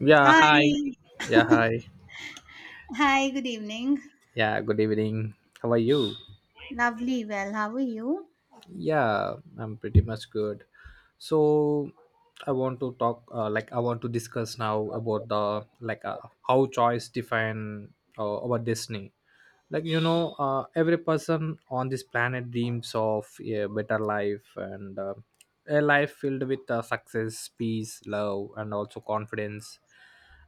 Yeah, hi. Hi. Yeah, hi. Hi, good evening. Yeah, good evening. How are you? Lovely. Well, how are you? Yeah, I'm pretty much good. So I want to talk, like I want to discuss now about the, how choice define our destiny. Every person on this planet dreams of a better life, and a life filled with success, peace, love, and also confidence,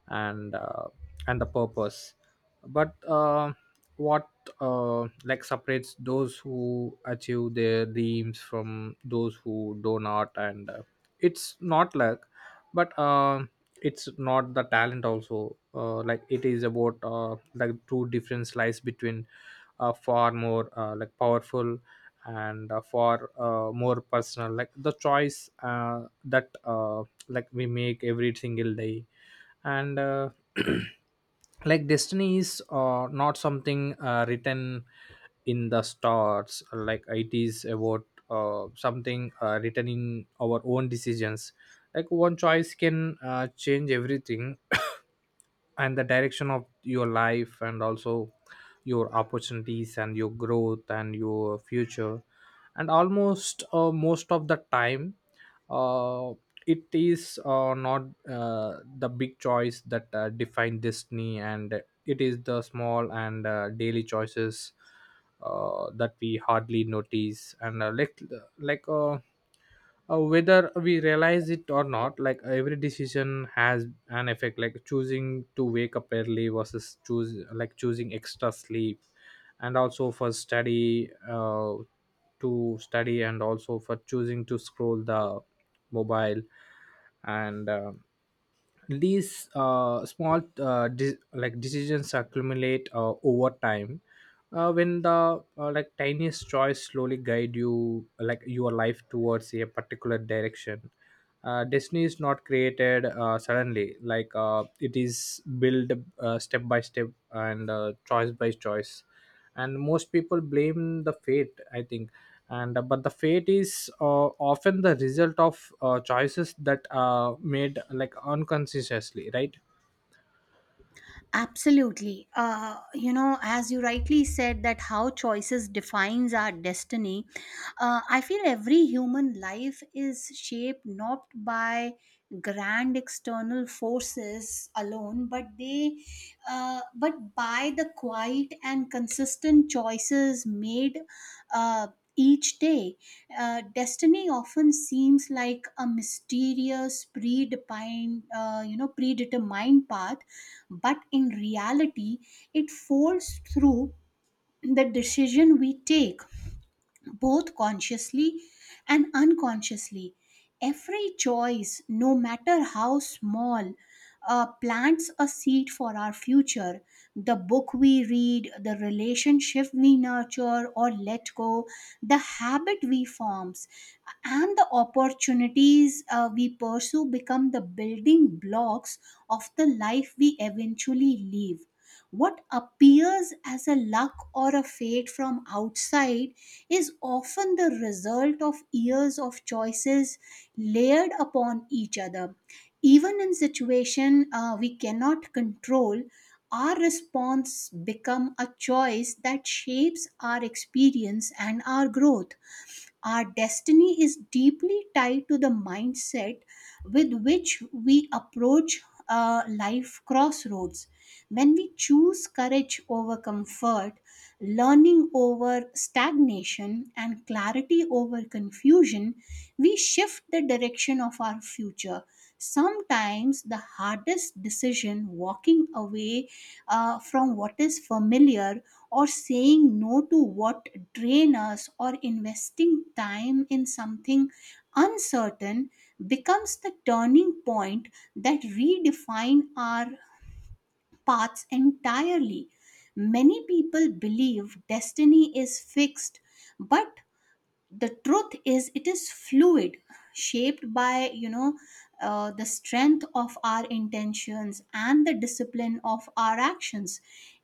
and uh, and the purpose. But what like separates those who achieve their dreams from those who do not, and it's not luck, but it's not the talent also. Like it is about, like two difference lies between far more, like powerful, and far more personal, like the choice that like we make every single day. And Like destiny is not something written in the stars, like it is about something written in our own decisions. Like one choice can change everything, and the direction of your life, and also your opportunities, and your growth, and your future. And almost most of the time, uh, it is not the big choice that define destiny, and it is the small and daily choices that we hardly notice. And like Whether we realize it or not, like every decision has an effect. Like choosing to wake up early versus choose like choosing extra sleep, and also for study to study, and also for choosing to scroll the mobile. And These small decisions accumulate over time, when the, like tiniest choice slowly guide you, like your life, towards a particular direction. Destiny is not created suddenly, it is built step by step, and choice by choice. And most people blame the fate, I think, and but the fate is often the result of choices that are made, like unconsciously, right? Absolutely. As you rightly said that how choices defines our destiny, I feel every human life is shaped not by grand external forces alone, but by the quiet and consistent choices made uh, each day. Destiny often seems like a mysterious, predefined, predetermined path, but in reality, it folds through the decision we take both consciously and unconsciously. Every choice, no matter how small, plants a seed for our future. The book we read, the relationship we nurture or let go, the habit we forms, and the opportunities we pursue become the building blocks of the life we eventually live. What appears as a luck or a fate from outside is often the result of years of choices layered upon each other. Even in situation we cannot control, our response become a choice that shapes our experience and our growth. Our destiny is deeply tied to the mindset with which we approach life crossroads. When we choose courage over comfort, learning over stagnation, and clarity over confusion, we shift the direction of our future. Sometimes the hardest decision, walking away from what is familiar, or saying no to what drain us, or investing time in something uncertain becomes the turning point that redefine our paths entirely. Many people believe destiny is fixed, but the truth is it is fluid, shaped by, the strength of our intentions and the discipline of our actions.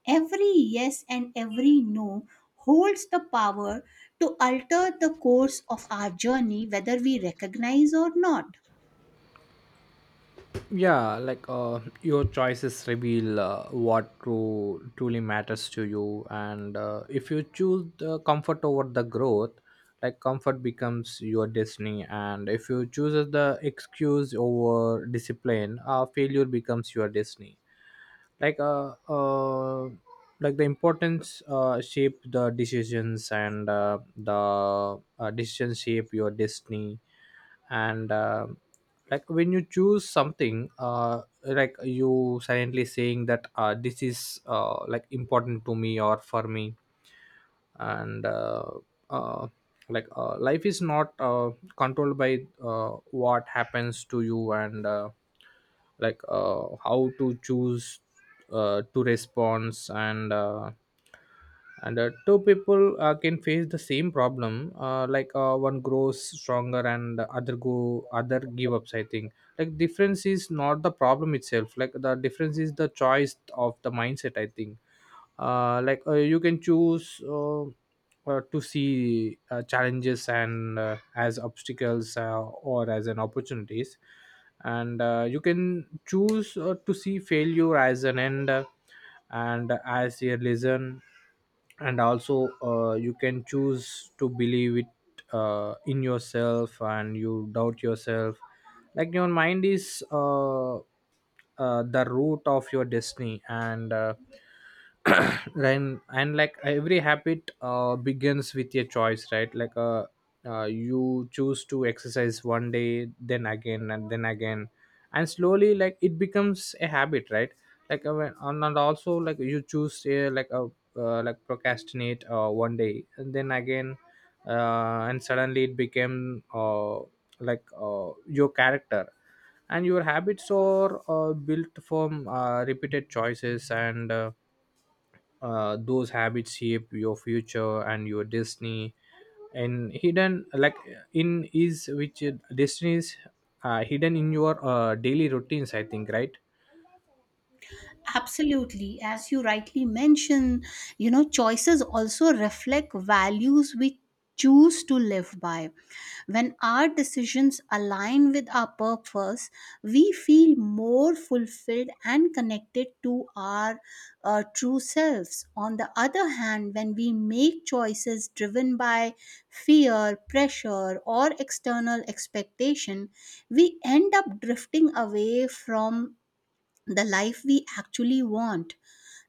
Every yes and every no holds the power to alter the course of our journey, whether we recognize or not. Yeah, your choices reveal what true truly matters to you. And If you choose the comfort over the growth, like comfort becomes your destiny. And if you choose the excuse over discipline, failure becomes your destiny. like uh, uh like the importance shape the decisions, and the decision shape your destiny. And Like when you choose something, like you silently saying that this is, like important to me or for me. And uh, like life is not controlled by what happens to you, and like how to choose to respond. And Two people can face the same problem. One grows stronger and the other go other give ups, I think. Like difference is not the problem itself, like the difference is the choice of the mindset, I think. You can choose, to see challenges, and as obstacles or as an opportunities. And You can choose to see failure as an end and as a lesson. And also you can choose to believe it in yourself and you doubt yourself. Like your mind is, the root of your destiny. And And like every habit begins with a choice, right? You choose to exercise one day, then again, and then again, and slowly like it becomes a habit, right? And also like you choose, like procrastinate one day and then again, and suddenly it became, your character. And your habits are built from repeated choices, and those habits shape your future and your destiny. And hidden like in is which Destiny is hidden in your daily routines, I think, right? Absolutely. As you rightly mention, choices also reflect values we choose to live by. When our decisions align with our purpose, we feel more fulfilled and connected to our true selves. On the other hand, when we make choices driven by fear, pressure, or external expectation, we end up drifting away from the life we actually want.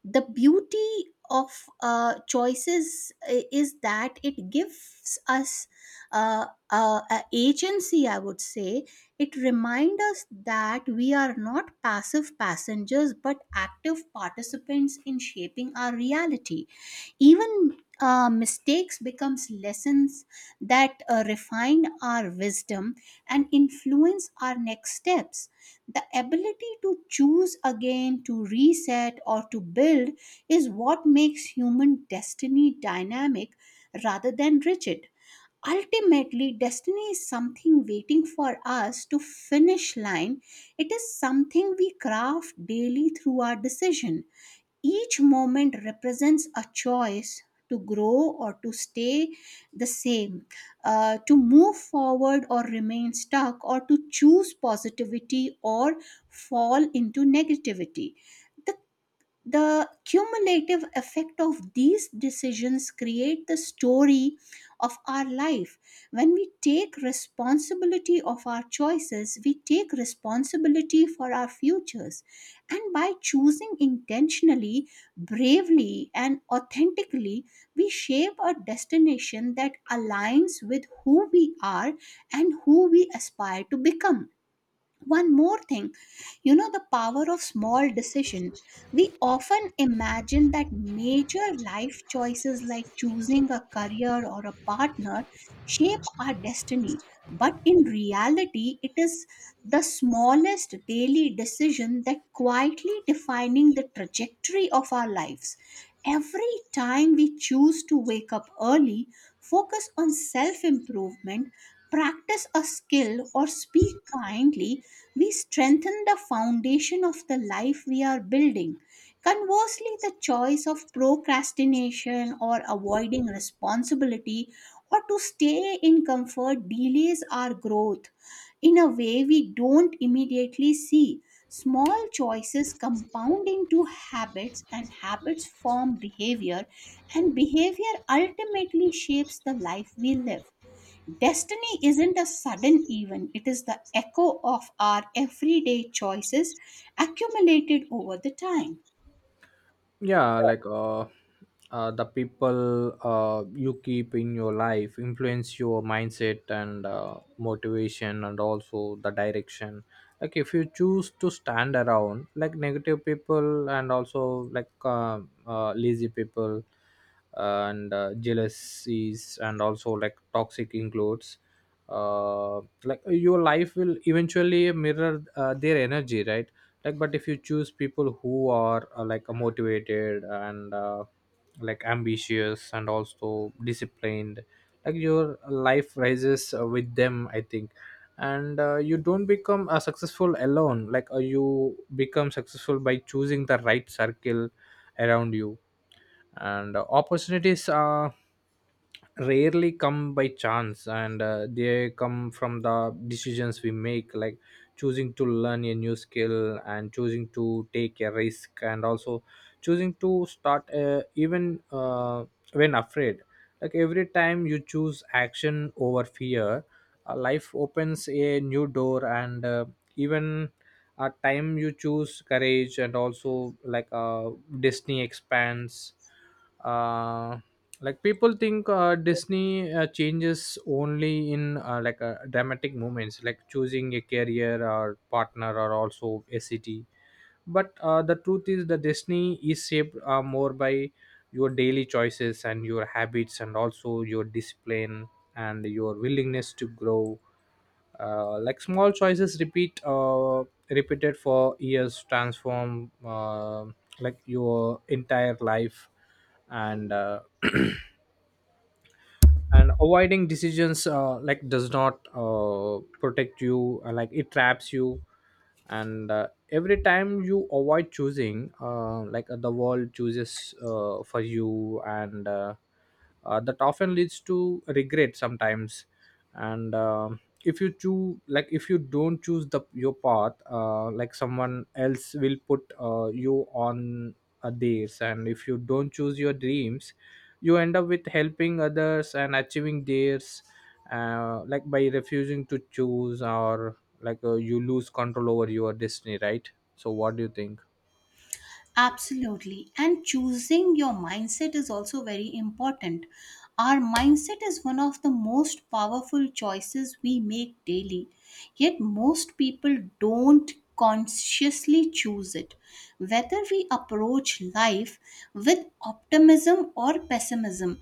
The beauty of choices is that it gives us a agency, I would say. It reminds us that we are not passive passengers but active participants in shaping our reality. Even mistakes becomes lessons that refine our wisdom and influence our next steps. The ability to choose again, to reset or to build, is what makes human destiny dynamic rather than rigid. Ultimately destiny is something waiting for us to finish line. It is something we craft daily through our decision. Each moment represents a choice to grow or to stay the same, to move forward or remain stuck, or to choose positivity or fall into negativity. The the cumulative effect of these decisions create the story of our life. When we take responsibility of our choices, we take responsibility for our futures. And by choosing intentionally, bravely, and authentically, we shape a destination that aligns with who we are and who we aspire to become. One more thing, the power of small decision. We often imagine that major life choices, like choosing a career or a partner, shape our destiny. But in reality, it is the smallest daily decision that quietly defining the trajectory of our lives. Every time we choose to wake up early, focus on self improvement, practice a skill, or speak kindly, we strengthen the foundation of the life we are building. Conversely, the choice of procrastination or avoiding responsibility or to stay in comfort delays our growth in a way we don't immediately see. Small choices compound into habits, and habits form behavior, and behavior ultimately shapes the life we live. Destiny isn't a sudden event, it is the echo of our everyday choices accumulated over the time. Yeah, the people you keep in your life influence your mindset, and motivation, and also the direction. Like if you choose to stand around like negative people, and also lazy people, and jealousies, and also like toxic includes, like your life will eventually mirror their energy, right? Like, but if you choose people who are, motivated, and like ambitious and also disciplined, like your life rises with them, I think. And You don't become successful alone. You become successful by choosing the right circle around you. And opportunities are rarely come by chance, and they come from the decisions we make. Like choosing to learn a new skill, and choosing to take a risk, and also choosing to start, even when afraid. Like every time you choose action over fear, life opens a new door. And Even a time you choose courage, and also disney expands. uh, like people think disney changes only in, dramatic moments, like choosing a career or partner or also a city. But the truth is the disney is shaped more by your daily choices, and your habits, and also your discipline, and your willingness to grow. Like small choices repeated for years transform, like your entire life. And And avoiding decisions, like does not protect you, like it traps you. And Every time you avoid choosing, the world chooses for you, and that often leads to regret sometimes. And if you choose, like if you don't choose the your path, like someone else will put you on theirs. And if you don't choose your dreams, you end up with helping others and achieving theirs. Like by refusing to choose, or like you lose control over your destiny, right? So what do you think? Absolutely. And choosing your mindset is also very important. Our mindset is one of the most powerful choices we make daily. Yet, most people don't consciously choose it. Whether we approach life with optimism or pessimism,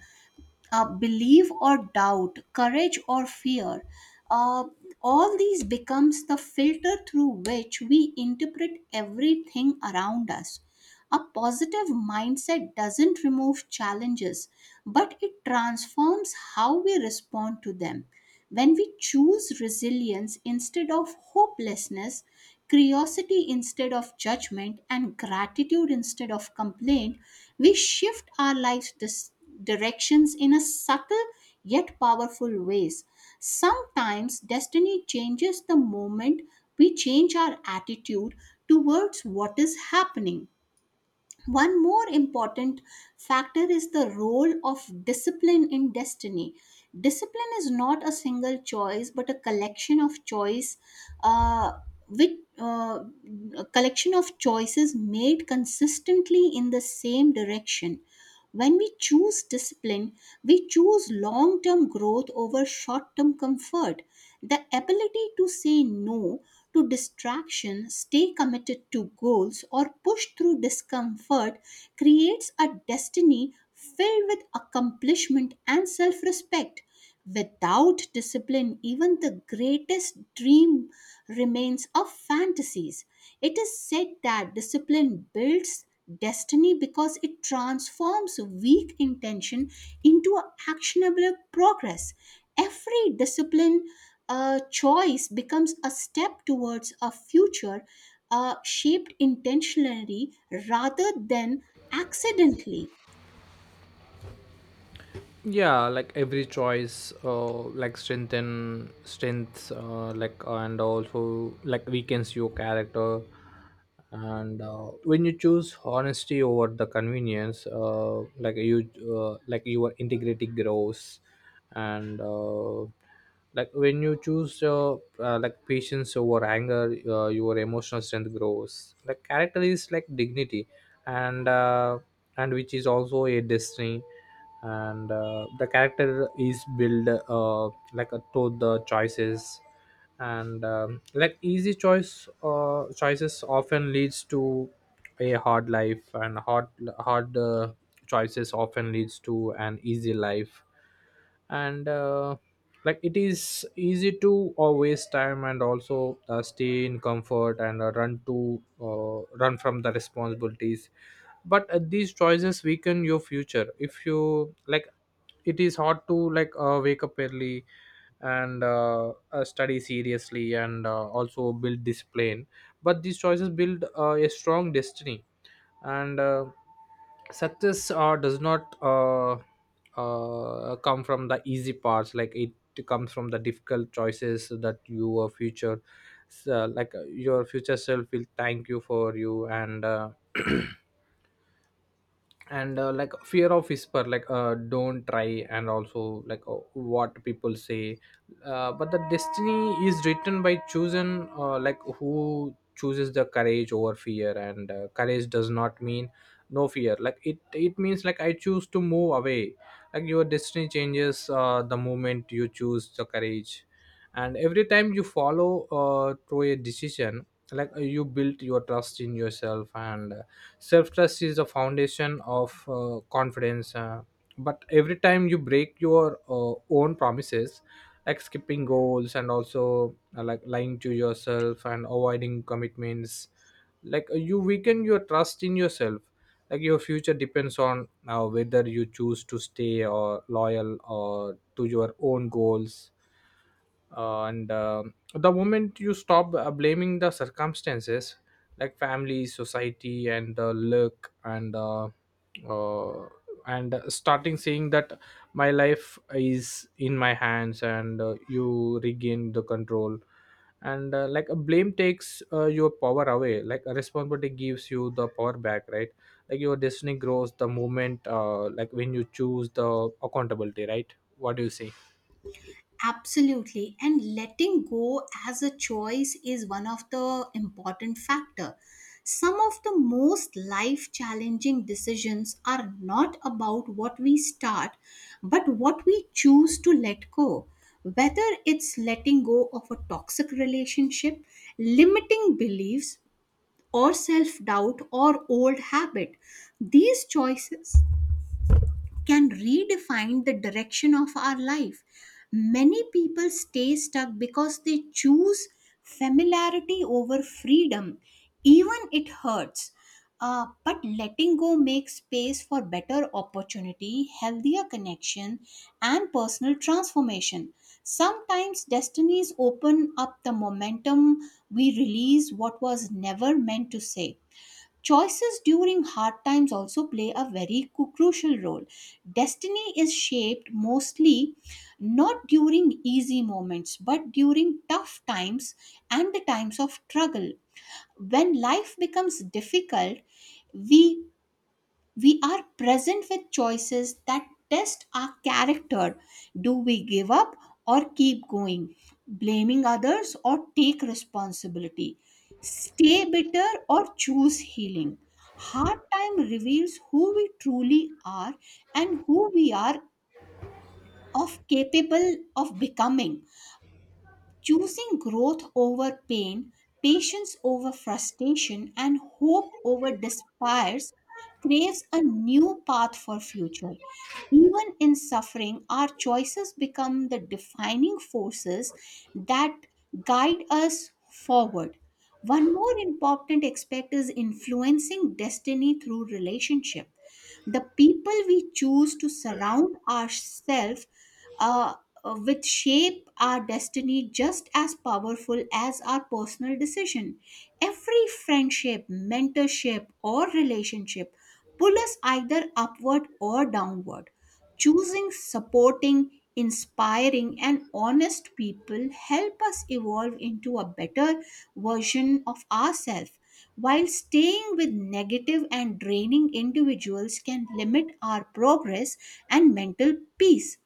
belief or doubt, courage or fear. Uh, all these becomes the filter through which we interpret everything around us. A positive mindset doesn't remove challenges, but it transforms how we respond to them. When we choose resilience instead of hopelessness, curiosity instead of judgment, and gratitude instead of complaint, we shift our life's directions in a subtle yet powerful ways. Sometimes destiny changes the moment we change our attitude towards what is happening. One more important factor is the role of discipline in destiny. Discipline is not a single choice, but a collection of choice, uh, with a collection of choices made consistently in the same direction. When we choose discipline, we choose long term growth over short term comfort. The ability to say no to distraction, stay committed to goals, or push through discomfort creates a destiny filled with accomplishment and self respect. Without discipline, even the greatest dream remains of fantasies. It is said that discipline builds destiny because it transforms weak intention into a actionable progress. Every discipline choice becomes a step towards a future shaped intentionally rather than accidentally. Yeah, like every choice, like strengthen strengths, like and also like weakens your character. And When you choose honesty over the convenience, like your integrity grows. And Like when you choose, like patience over anger, your emotional strength grows. Like character is like dignity, and uh, and which is also a destiny. And The character is built, to the choices. And like easy choice Choices often leads to a hard life, and hard choices often leads to an easy life. And Like it is easy to waste time, and also stay in comfort, and run to run from the responsibilities. But these choices weaken your future if you like. It is hard to wake up early, and study seriously, and also build discipline, but these choices build a strong destiny. And Success does not come from the easy parts, like it comes from the difficult choices that your future. So, your future self will thank you for you. And and Like fear of whisper, don't try, and also what people say, but the destiny is written by chosen, like who chooses the courage over fear. And Courage does not mean no fear, like it means like I choose to move away. Like your destiny changes the moment you choose the courage. And every time you follow through a decision, you build your trust in yourself, and self trust is the foundation of confidence. But every time you break your own promises, like skipping goals, and also like lying to yourself, and avoiding commitments, you weaken your trust in yourself. Like your future depends on whether you choose to stay or loyal or to your own goals. And the moment you stop blaming the circumstances, like family, society, and the luck, uh, and starting saying that my life is in my hands, and you regain the control. And Like a blame takes your power away, like a responsibility gives you the power back, right? Like your destiny grows the moment, when you choose the accountability, right? What do you say? Absolutely. And letting go as a choice is one of the important factor. Some of the most life challenging decisions are not about what we start but what we choose to let go, whether it's letting go of a toxic relationship, limiting beliefs, or self doubt, or old habit. These choices can redefine the direction of our life. Many people stay stuck because they choose familiarity over freedom, even it hurts. But letting go makes space for better opportunity, healthier connection, and personal transformation. Sometimes destinies open up the momentum we release what was never meant to say. Choices during hard times also play a very crucial role. Destiny is shaped mostly not during easy moments, but during tough times and the times of struggle. When life becomes difficult, we we are present with choices that test our character. Do we give up or keep going? Blaming others or take responsibility? Stay bitter or choose healing? Hard time reveals who we truly are and who we are of capable of becoming. Choosing growth over pain, patience over frustration, and hope over despair craves a new path for future. Even in suffering, our choices become the defining forces that guide us forward. One more important aspect is influencing destiny through relationship. The people we choose to surround ourselves uh, with shape our destiny just as powerful as our personal decision. Every friendship, mentorship, or relationship pull us either upward or downward. Choosing supporting, inspiring, and honest people help us evolve into a better version of ourselves, while staying with negative and draining individuals can limit our progress and mental peace.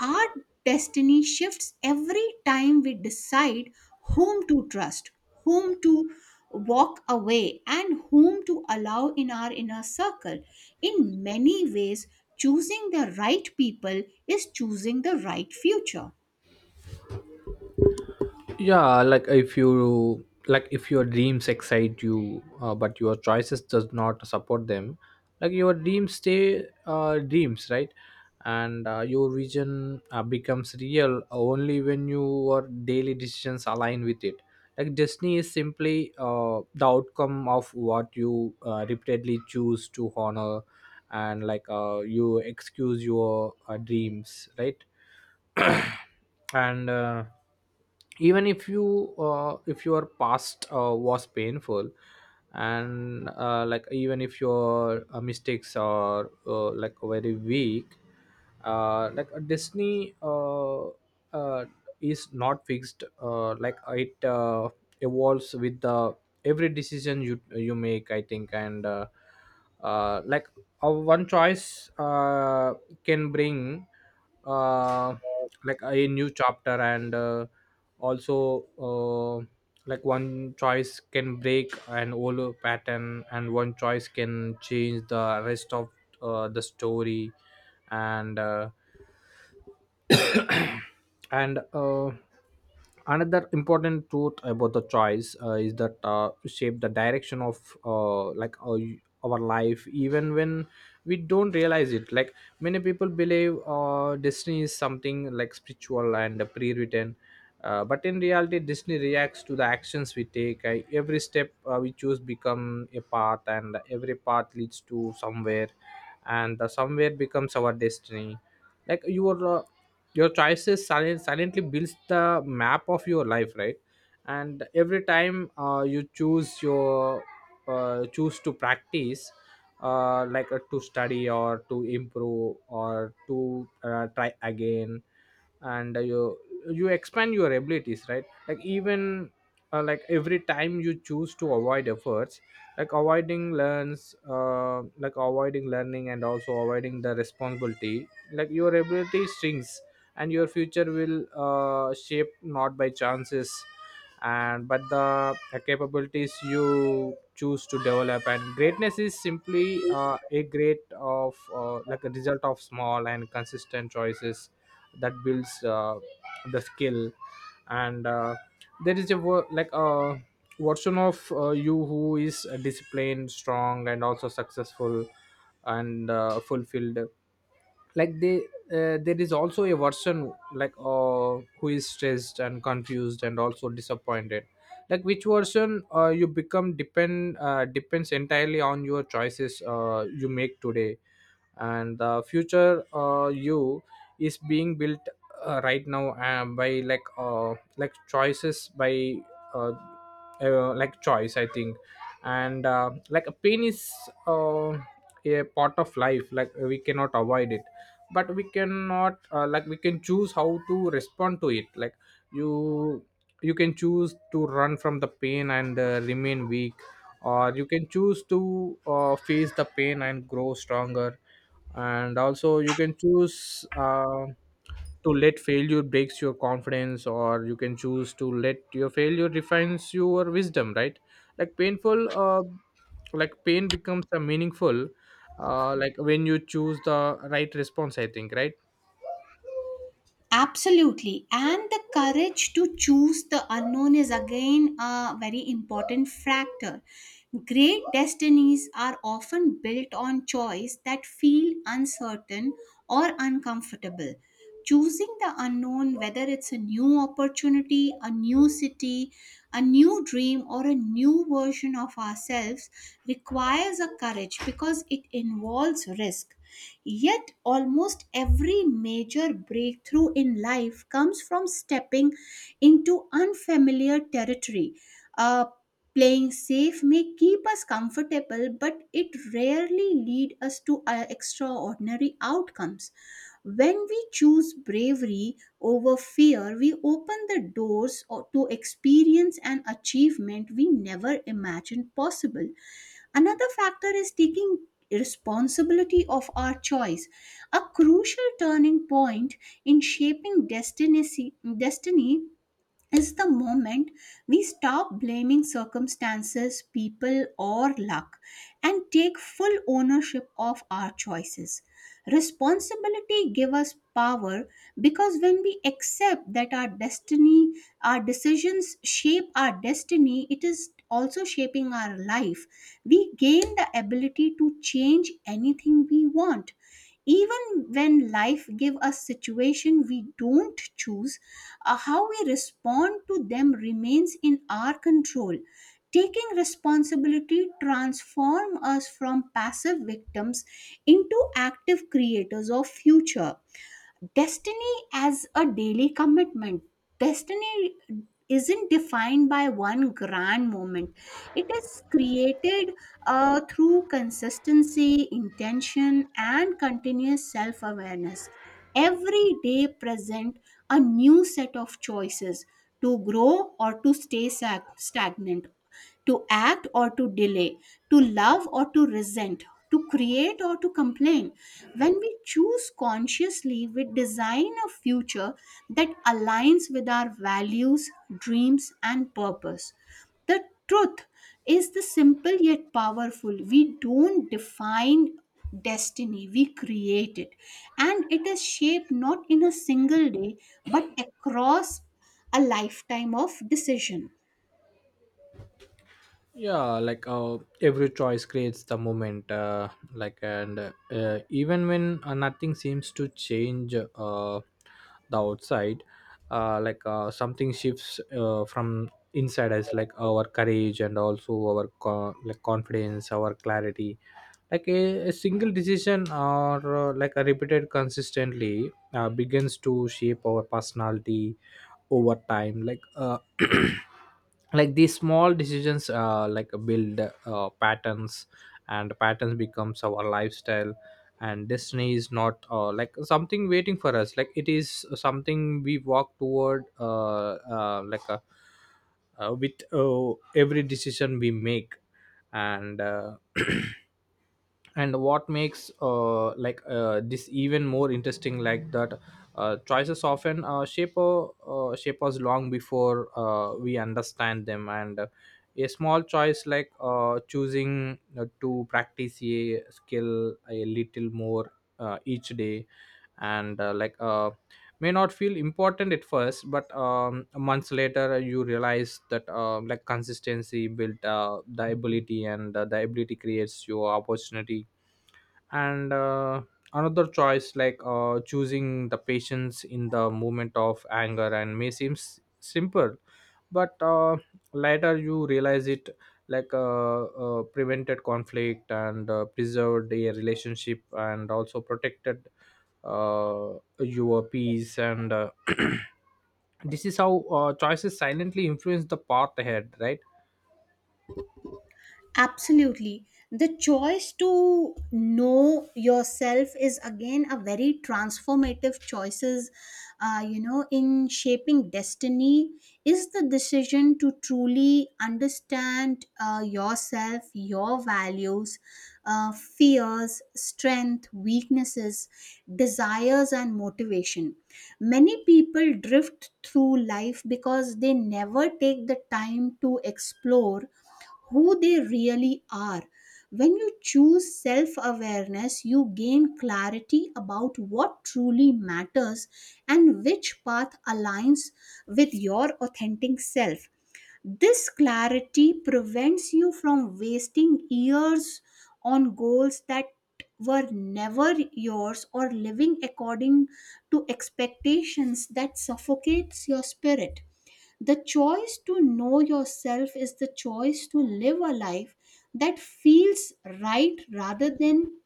Our destiny shifts every time we decide whom to trust, whom to walk away, and whom to allow in our inner circle. In many ways, choosing the right people is choosing the right future. Yeah, like if you like, if your dreams excite you, but your choices does not support them, like your dreams stay, dreams, right? and Your vision becomes real only when your daily decisions align with it. Like destiny is simply the outcome of what you repeatedly choose to honor. And you excuse your dreams, right? and Even if you, if your past was painful, And like even if your mistakes are like very weak, like a destiny uh, is not fixed, like it evolves with the every decision you make I think. And like One choice can bring uh, like a new chapter, and also like one choice can break an old pattern, and one choice can change the rest of the story. And uh, and Another important truth about the choice is that shape the direction of uh, like our, our life even when we don't realize it. Like many people believe destiny is something like spiritual and pre-written, but in reality destiny reacts to the actions we take. Every step we choose become a path, and every path leads to somewhere, and the somewhere becomes our destiny. Like your choices silently builds the map of your life, right? And every time you choose to practice, to study or to improve or to try again. And You expand your abilities, right? Like even like every time you choose to avoid efforts, like avoiding learns, like avoiding learning and also avoiding the responsibility, like your ability shrinks, and your future will shape not by chances and but the capabilities you choose to develop. And greatness is simply a great of like a result of small and consistent choices that builds the skill. And There is a version of you who is disciplined, strong and also successful and fulfilled. Like they There is also a version who is stressed and confused and also disappointed. Like which version you become depends entirely on your choices you make today. And the future you is being built right now, by like choices by uh, like choice, I think. And Like a pain is uh, a part of life, like we cannot avoid it, but we cannot like we can choose how to respond to it. Like you you can choose to run from the pain and remain weak, or you can choose to face the pain and grow stronger. And also you can choose to let failure breaks your confidence, or you can choose to let your failure refines your wisdom, right? Like painful like pain becomes a meaningful like when you choose the right response, I think, right? Absolutely. And the courage to choose the unknown is again a very important factor. Great destinies are often built on choice that feel uncertain or uncomfortable. Choosing the unknown, whether it's a new opportunity, a new city, a new dream, or a new version of ourselves, requires a courage because it involves risk. Yet, almost every major breakthrough in life comes from stepping into unfamiliar territory. Uh, Playing safe may keep us comfortable, but it rarely leads us to extraordinary outcomes. When we choose bravery over fear, we open the doors to experience and achievement we never imagined possible. Another factor is taking responsibility of our choice, a crucial turning point in shaping destiny, is the moment we stop blaming circumstances, people, or luck and take full ownership of our choices. Responsibility gives us power, because when we accept that our decisions shape our destiny, it is also shaping our life. We gain the ability to change anything we want. Even when life give us situation we don't choose, how we respond to them remains in our control. Taking responsibility transform us from passive victims into active creators of future. Destiny as a daily commitment. Destiny isn't defined by one grand moment, it is created through consistency, intention, and continuous self-awareness. Every day present a new set of choices to grow or to stay stagnant, to act or to delay, to love or to resent, to create or to complain. When we choose consciously, we design a future that aligns with our values, dreams, and purpose. The truth is the simple yet powerful. We don't define destiny, we create it. And it is shaped not in a single day, but across a lifetime of decision. Yeah, like every choice creates the moment. Like and Even when nothing seems to change the outside, something shifts from inside us, like our courage and also our confidence, our clarity. Like a single decision or like a repeated consistently begins to shape our personality over time. Like these small decisions like build patterns, and patterns becomes our lifestyle. And destiny is not like something waiting for us, like it is something we walk toward uh, like a, with every decision we make. And And what makes this even more interesting, like that choices often shape us long before we understand them. And A small choice like choosing to practice a skill a little more each day, and like may not feel important at first, but months later you realize that like consistency built the ability, and the ability creates your opportunity. And Another choice like choosing the patience in the moment of anger and may seem simple, but later you realize it, prevented conflict and preserved a relationship and also protected uh, your peace. And This is how choices silently influence the path ahead, right? Absolutely. The choice to know yourself is again a very transformative choices, in shaping destiny is the decision to truly understand yourself, your values, fears, strength, weaknesses, desires, and motivation. Many people drift through life because they never take the time to explore who they really are. When you choose self awareness, you gain clarity about what truly matters and which path aligns with your authentic self. This clarity prevents you from wasting years on goals that were never yours or living according to expectations that suffocates your spirit. The choice to know yourself is the choice to live a life that feels right rather than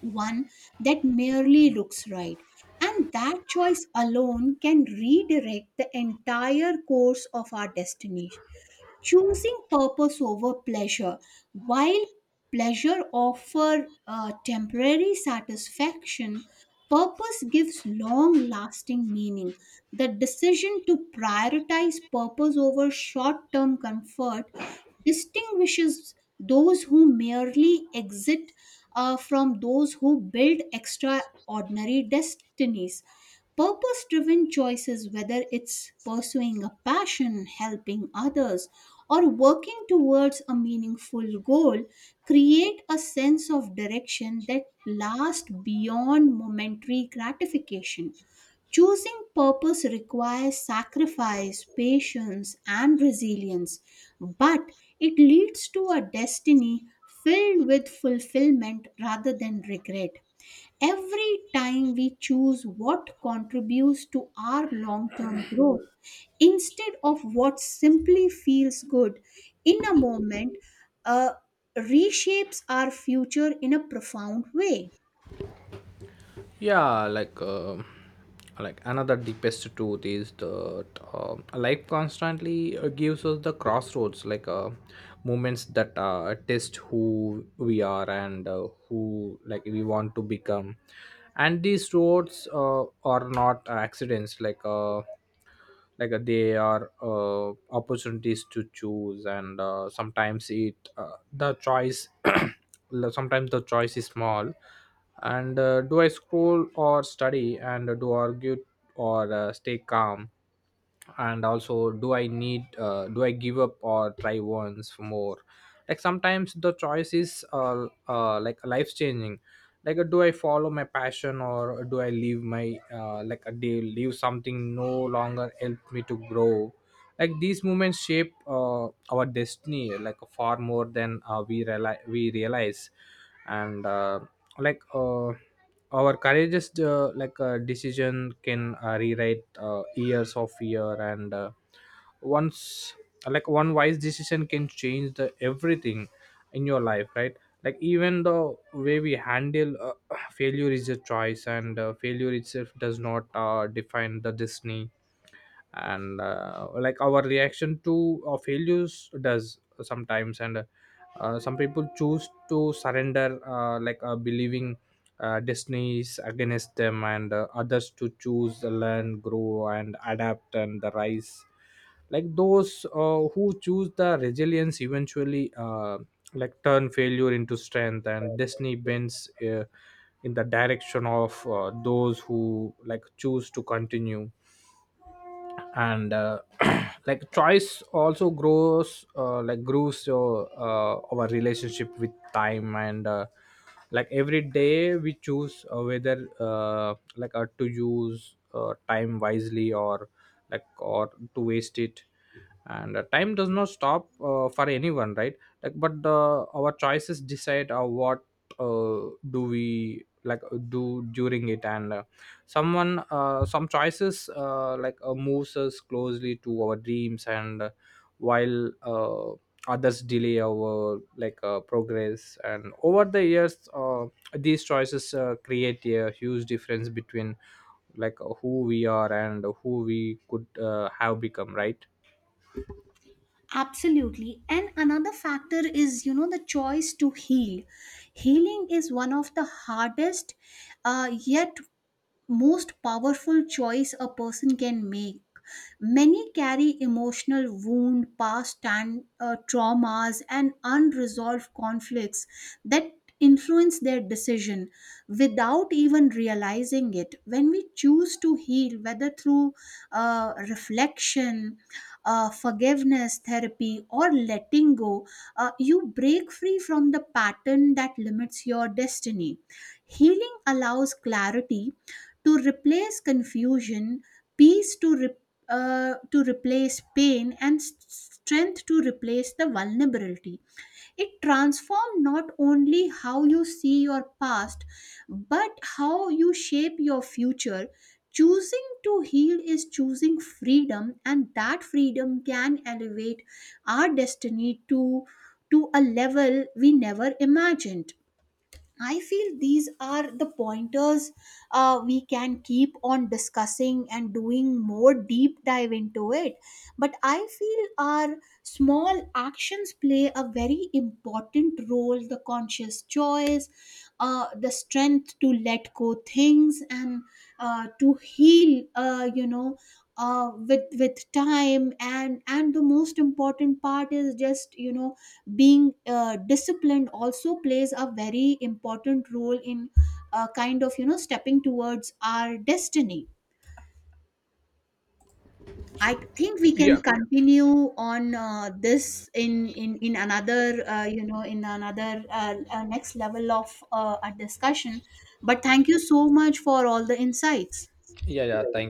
one that merely looks right. And that choice alone can redirect the entire course of our destiny. Choosing purpose over pleasure. While pleasure offers temporary satisfaction, purpose gives long lasting meaning. The decision to prioritize purpose over short term comfort distinguishes those who merely exit from those who build extraordinary destinies. Purpose driven choices, whether it's pursuing a passion, helping others, or working towards a meaningful goal, create a sense of direction that lasts beyond momentary gratification. Choosing purpose requires sacrifice, patience, and resilience, but it leads to a destiny filled with fulfillment rather than regret. Every time we choose what contributes to our long term growth instead of what simply feels good in a moment uh, reshapes our future in a profound way. Yeah, like another deepest truth is that life constantly gives us the crossroads, like moments that test who we are and who like we want to become. And these roads are not accidents, they are opportunities to choose. And sometimes it the choice sometimes the choice is small, and do I scroll or study, and do argue or stay calm. And also do I give up or try once more. Like sometimes the choice is like life changing, like do I follow my passion or do I leave my do leave something no longer help me to grow. Like these movements shape our destiny like far more than we realize. And like Our courageous decision can rewrite years of fear. And once like One wise decision can change the everything in your life, right? Like even the way we handle failure is a choice. And failure itself does not define the destiny, and like our reaction to failures does sometimes. And Some people choose to surrender, believing destinies against them, and others to choose the learn, grow and adapt and the rise. Like those who choose the resilience eventually like turn failure into strength, and destiny bends in the direction of those who like choose to continue. And Like choice also grows your our relationship with time. And Like every day we choose whether to use time wisely or like or to waste it. And Time does not stop for anyone, right? Like but the our choices decide what uh, do we like do during it. And someone Some choices moves us closely to our dreams, and while others delay our progress. And over the years these choices create a huge difference between who we are and who we could have become, right? Absolutely. And another factor is, the choice to heal. Healing is one of the hardest, yet most powerful choice a person can make. Many carry emotional wound, past and traumas, and unresolved conflicts that influence their decision without even realizing it. When we choose to heal, whether through reflection, forgiveness therapy, or letting go, you break free from the pattern that limits your destiny. Healing allows clarity to replace confusion, peace to replace pain, and strength to replace the vulnerability. It transforms not only how you see your past, but how you shape your future. Choosing to heal is choosing freedom, and that freedom can elevate our destiny to a level we never imagined. I feel these are the pointers we can keep on discussing and doing more deep dive into it. But I feel our small actions play a very important role, the conscious choice, the strength to let go things, and to heal, with time. And the most important part is, just, being disciplined also plays a very important role in, kind of, stepping towards our destiny. I think we can Yeah. continue on this in another, in another, next level of a discussion. But thank you so much for all the insights. Y allá está. Yeah.